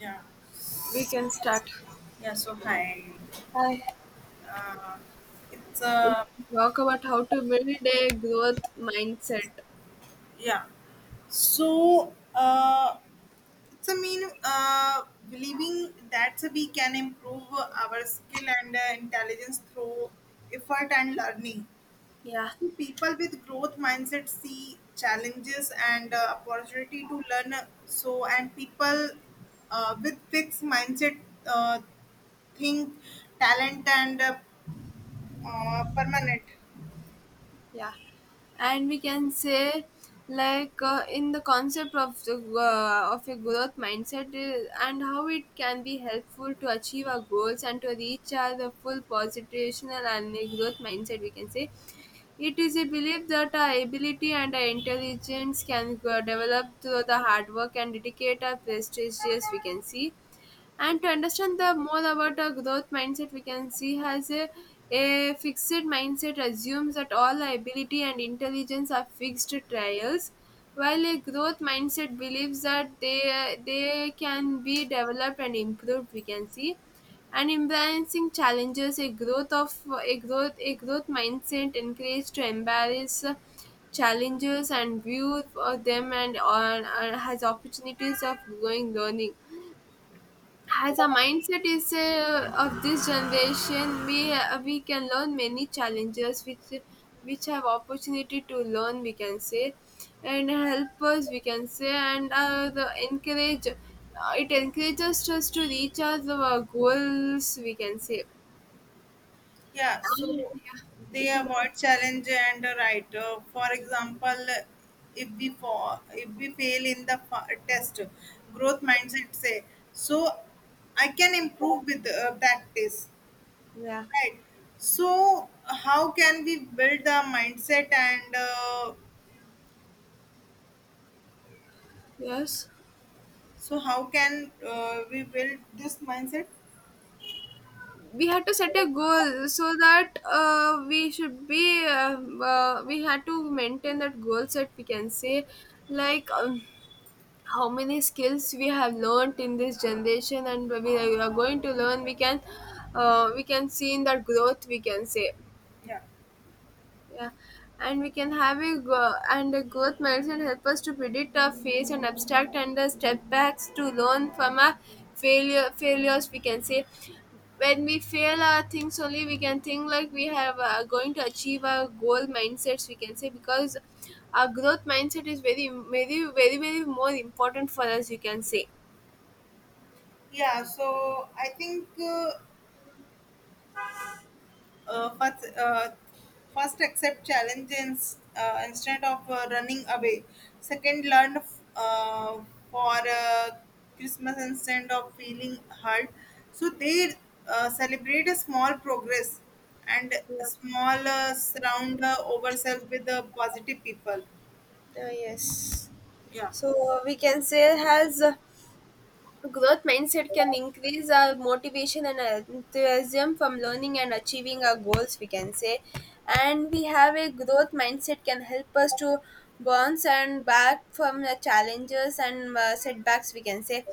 Yeah, We can start. yeah. So hi, Hi. uh, it's Talk about how to build a growth mindset. yeah. So it's a mean believing that we can improve our skill and intelligence through effort and learning. Yeah. So people with growth mindset see challenges and opportunity to learn. So and people with fixed mindset uh, think talent and permanent. Yeah, and we can say in the concept of the of a growth mindset, and how it can be helpful to achieve our goals and to reach our full positional. And a growth mindset, we can say, it is a belief that our ability and our intelligence can develop through the hard work and dedicate our prestigious, we can see. And to understand the more about a growth mindset, we can see has a fixed mindset assumes that all ability and intelligence are fixed trials, while a growth mindset believes that they can be developed and improved, we can see. And embracing challenges, a growth of a growth mindset encourages to embrace challenges and view of them and or has opportunities of growing learning. As a mindset is of this generation, we can learn many challenges which have opportunity to learn, we can say, and help us, we can say. And uh, the encourage uh, it encourages us to reach our goals, we can say. Yeah, And, so yeah, you they can, avoid challenge and right. Writer. For example, if we fall, if we fail in the test, growth mindset say, so I can improve with practice, yeah, right? So how can we build the mindset and uh, yes. so how can we build this mindset? We had to set a goal so that we should be. We had to maintain that goal set, we can say, like. How many skills we have learnt in this generation, and we are going to learn, we can see in that growth, we can say. Yeah, Yeah, and we can have a growth mindset help us to predict our face and abstract and the step backs to learn from our failure failures we can say. When we fail our things only, we can think like we have going to achieve our goal mindsets, we can say, because our growth mindset is very very very very more important for us, you can say. yeah. So I think. First, first accept challenges instead of running away, second learn uh, for christmas instead of feeling hurt, so they celebrate a small progress and Yeah. small surround ourselves with the positive people. Yes. yeah So we can say has growth mindset can increase our motivation and enthusiasm from learning and achieving our goals, we can say. And we have a growth mindset can help us to bounce and back from the challenges and setbacks, we can say.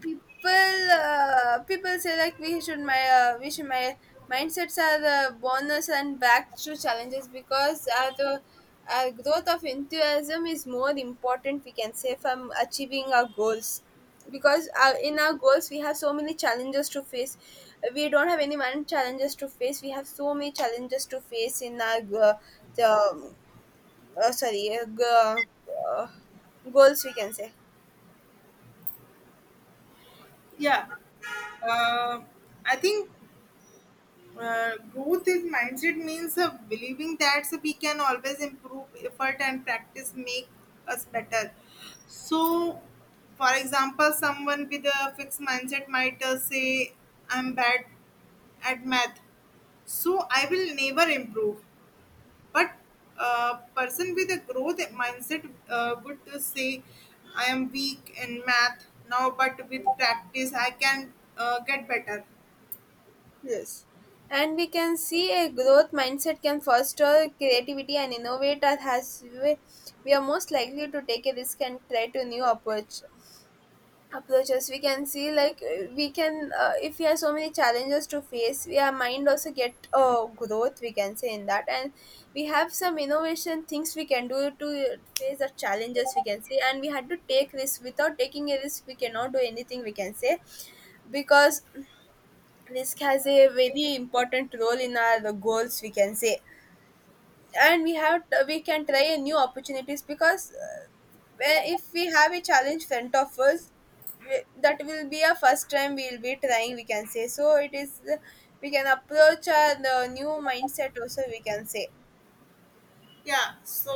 People say like we should my we should my mindsets are the bonus and back to challenges, because the growth of enthusiasm is more important, we can say, from achieving our goals, because in our goals we have so many challenges to face. We don't have any one challenges to face, we have so many challenges to face in our the uh, sorry uh, g- uh, goals, we can say. yeah uh, I think growth in mindset means believing that so we can always improve, effort and practice make us better. So for example someone with a fixed mindset might say, I'm bad at math so I will never improve, but a person with a growth mindset would say, I am weak in math now but with practice I can get better. Yes. And we can see a growth mindset can foster creativity and innovate as has we are most likely to take a risk and try to new approach approaches, we can see. Like we can If we have so many challenges to face, we our mind also get growth, we can say in that. And we have some innovation things we can do to face the challenges, we can say. And we had to take risk. Without taking a risk, we cannot do anything, we can say, because risk has a very important role in our goals, we can say. And we have we can try a new opportunities, because if we have a challenge front of us, that will be our first time we'll be trying, we can say. So it is uh, we can approach our the new mindset also, we can say. Yeah, so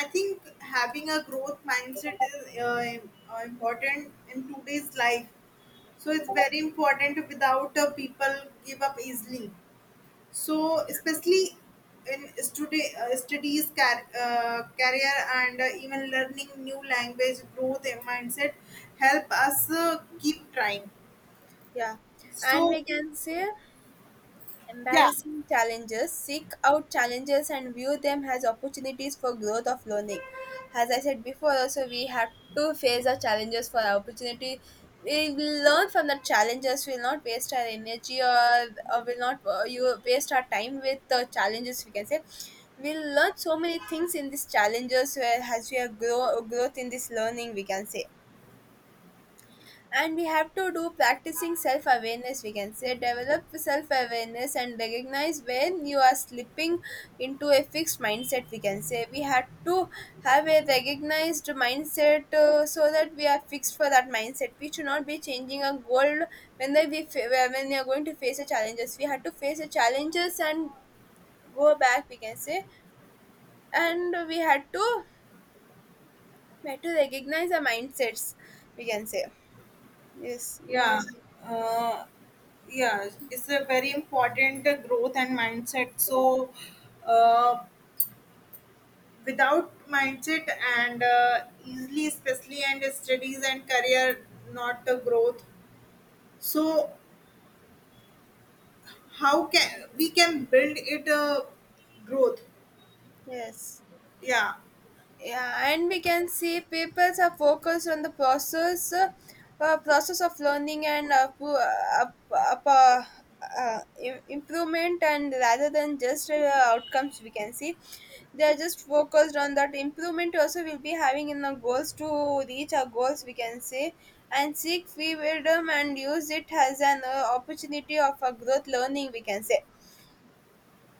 I think having a growth mindset is important in today's life. So it's very important, without people give up easily. So especially in studies, career, and even learning new language, growth mindset help us keep trying. Yeah, and So we can say yeah. embarrassing challenges. Seek out challenges and view them as opportunities for growth of learning. As I said before, also we have to face our challenges for our opportunity. We will learn from the challenges. We will not waste our energy, or will not you waste our time with the challenges, we can say. We'll learn so many things in these challenges, Where as we are grow growth in this learning, we can say. And we have to do practicing self awareness, we can say, develop self awareness and recognize when you are slipping into a fixed mindset, we can say. We have to have a recognized mindset, so that we are fixed for that mindset. We should not be changing our goal when when we are going to face the challenges, we had to face the challenges and go back, we can say. And we had to recognize our mindsets, we can say. Yes, you want to Yeah, say uh, yeah, it's a very important growth and mindset. So, uh, without mindset and easily, especially and studies and career, not the growth. So, how can we can build it? Growth. yes. Yeah, Yeah, and we can see people are focused on the process, process of learning and up, uh, improvement, and rather than just outcomes, we can see. They are just focused on that improvement also, we'll be having in our goals to reach our goals, we can say. And seek freedom and use it as an opportunity of a growth learning, we can say.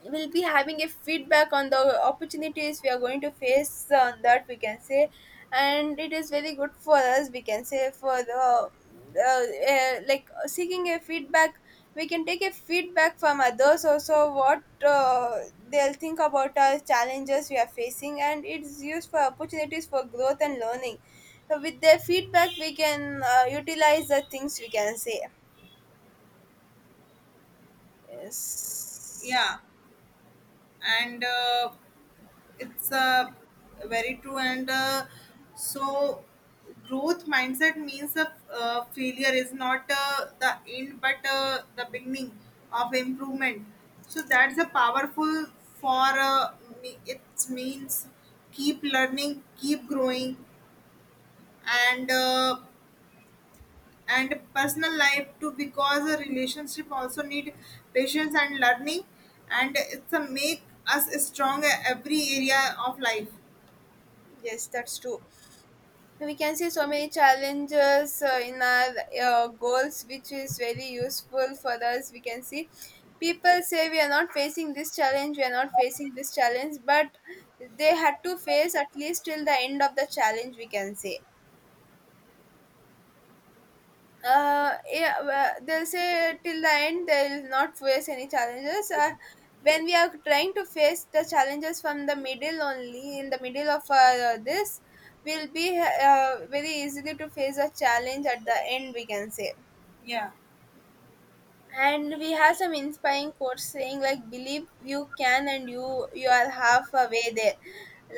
We will be having a feedback on the opportunities we are going to face on that, we can say. And it is very good for us, we can say, for the like seeking a feedback. We can take a feedback from others also, what they'll think about our challenges we are facing, and it's used for opportunities for growth and learning. So with their feedback, we can utilize the things, we can say. Yes. yeah, and. It's very true and so growth mindset means that failure is not the end but the beginning of improvement, so that's a powerful, for me it means keep learning, keep growing, and uh, and personal life too because a relationship also need patience and learning, and it's a make us strong every area of life. Yes, that's true. We can see so many challenges in our goals, which is very useful for us, we can see. People say we are not facing this challenge, we are not facing this challenge, but they had to face at least till the end of the challenge, we can say. Yeah, well, they'll say till the end they'll not face any challenges. When we are trying to face the challenges from the middle only, in the middle of this, we'll be very easily to face a challenge at the end, we can say. Yeah. And we have some inspiring quotes saying like, believe you can and you are half away there.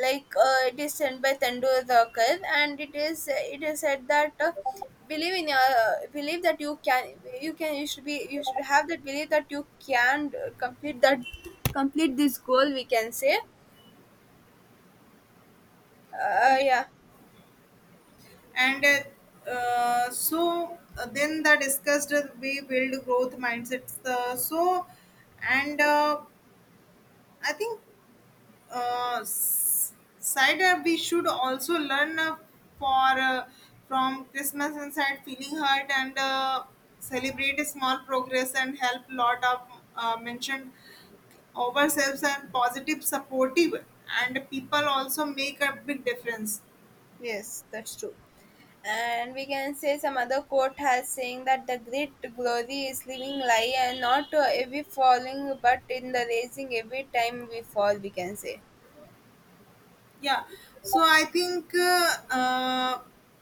It is sent by Tandur Dhakkar, and it is said that, believe in your, believe that you can, you can, you should be, you should have that belief that you can complete that, complete this goal, we can say. Yeah. And so then the discussed we build growth mindsets. The so and I think uh, s- side we should also learn for from Christmas inside feeling hurt and celebrate a small progress and help lot of mentioned ourselves and positive supportive, and people also make a big difference. Yes, that's true. And we can say some other quote has saying that the great glory is living lie and not every falling but in the raising every time we fall, we can say. Yeah, so I think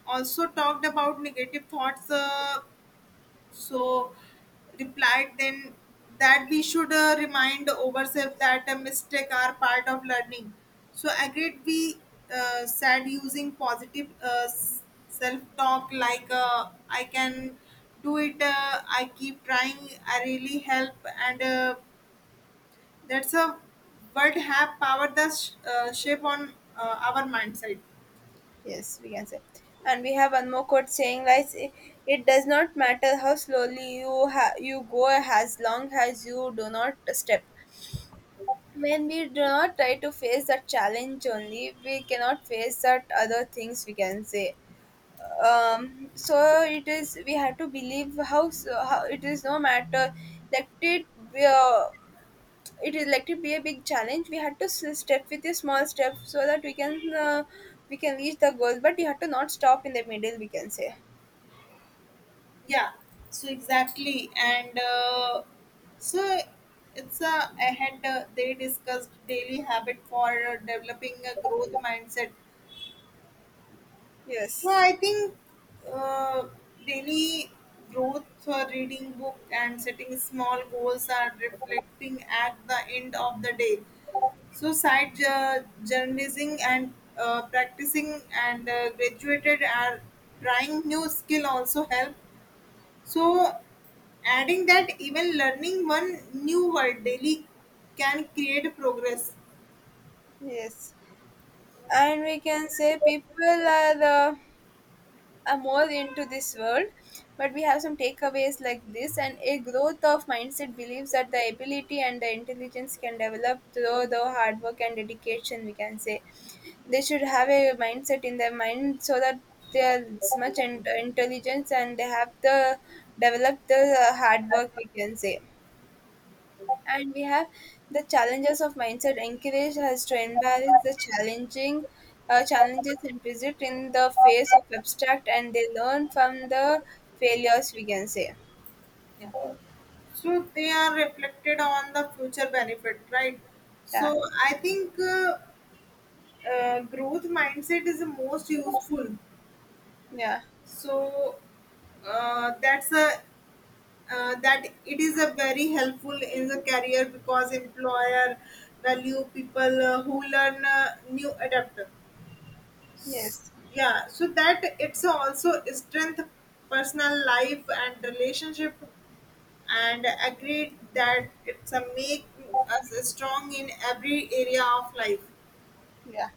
also talked about negative thoughts, so replied then that we should remind ourselves that a mistake are part of learning, so agreed we said using positive self talk like I can do it, I keep trying, I really help, and that's a word have power the shape on our mindset. Yes, we can say. And we have one more quote saying like, it does not matter how slowly you go, as long as you do not step. When we do not try to face that challenge only, we cannot face that other things, we can say. So it is, we have to believe how, how it is, no matter, let it be a, it is, let it be a big challenge, we had to step with a small step, so that we can reach the goal, but you have to not stop in the middle, we can say. Yeah, so exactly and so it's a ahead they discussed daily habit for developing a growth mindset. So Yes. I think uh, daily growth for reading book and setting small goals are reflecting at the end of the day, so side journalism and practicing and graduated are trying new skill also help. So, adding that even learning one new word daily can create progress. Yes, and we can say people are the more into this world, but we have some takeaways like this, and a growth of mindset believes that the ability and the intelligence can develop through the hard work and dedication, we can say. They should have a mindset in their mind so that they are this much intelligence, and they have the develop the hard work, we can say. And we have the challenges of mindset encourage has to embrace the challenging challenges implicit in the face of abstract, and they learn from the failures, we can say. Yeah. So, they are reflected on the future benefit, right? Yeah. So, I think growth mindset is the most useful. Yeah. So, that's a that it is a very helpful in the career because employer value people who learn new adapt. Yes. Yeah, so that it's also strength personal life and relationship, and agreed that it's a make us strong in every area of life. Yeah,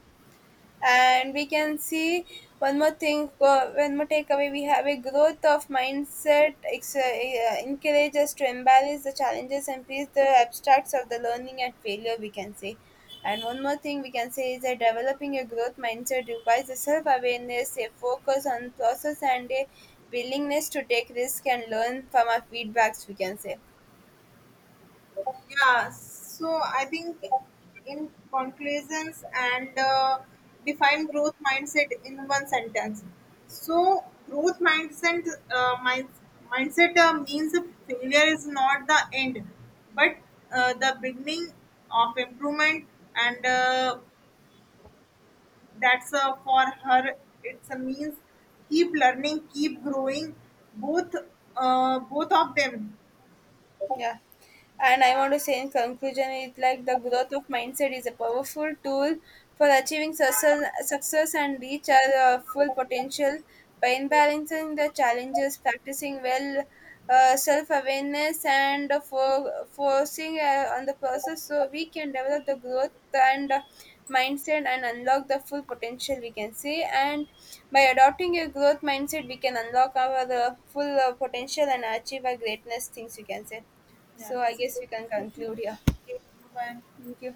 and we can see one more thing, one more takeaway, we have a growth of mindset encourage us to embrace the challenges and face the abstracts of the learning and failure, we can say. And one more thing we can say is that developing a growth mindset requires a self-awareness, a focus on process, and a willingness to take risk and learn from our feedbacks, we can say. Yeah, so I think in conclusions and define growth mindset in one sentence. So growth mindset uh, mind, mindset means that failure is not the end, but the beginning of improvement, and that's for her. It's a means keep learning, keep growing. Both both of them. Yeah. And I want to say in conclusion, it's like the growth of mindset is a powerful tool for achieving success, success and reach our full potential by balancing the challenges, practicing well self awareness, and for forcing on the process, so we can develop the growth and mindset and unlock the full potential, we can see. And by adopting a growth mindset, we can unlock our full potential and achieve our greatness things, we can say. Yeah, So I it's a guess good we can question. conclude here. Okay, bye. Thank you.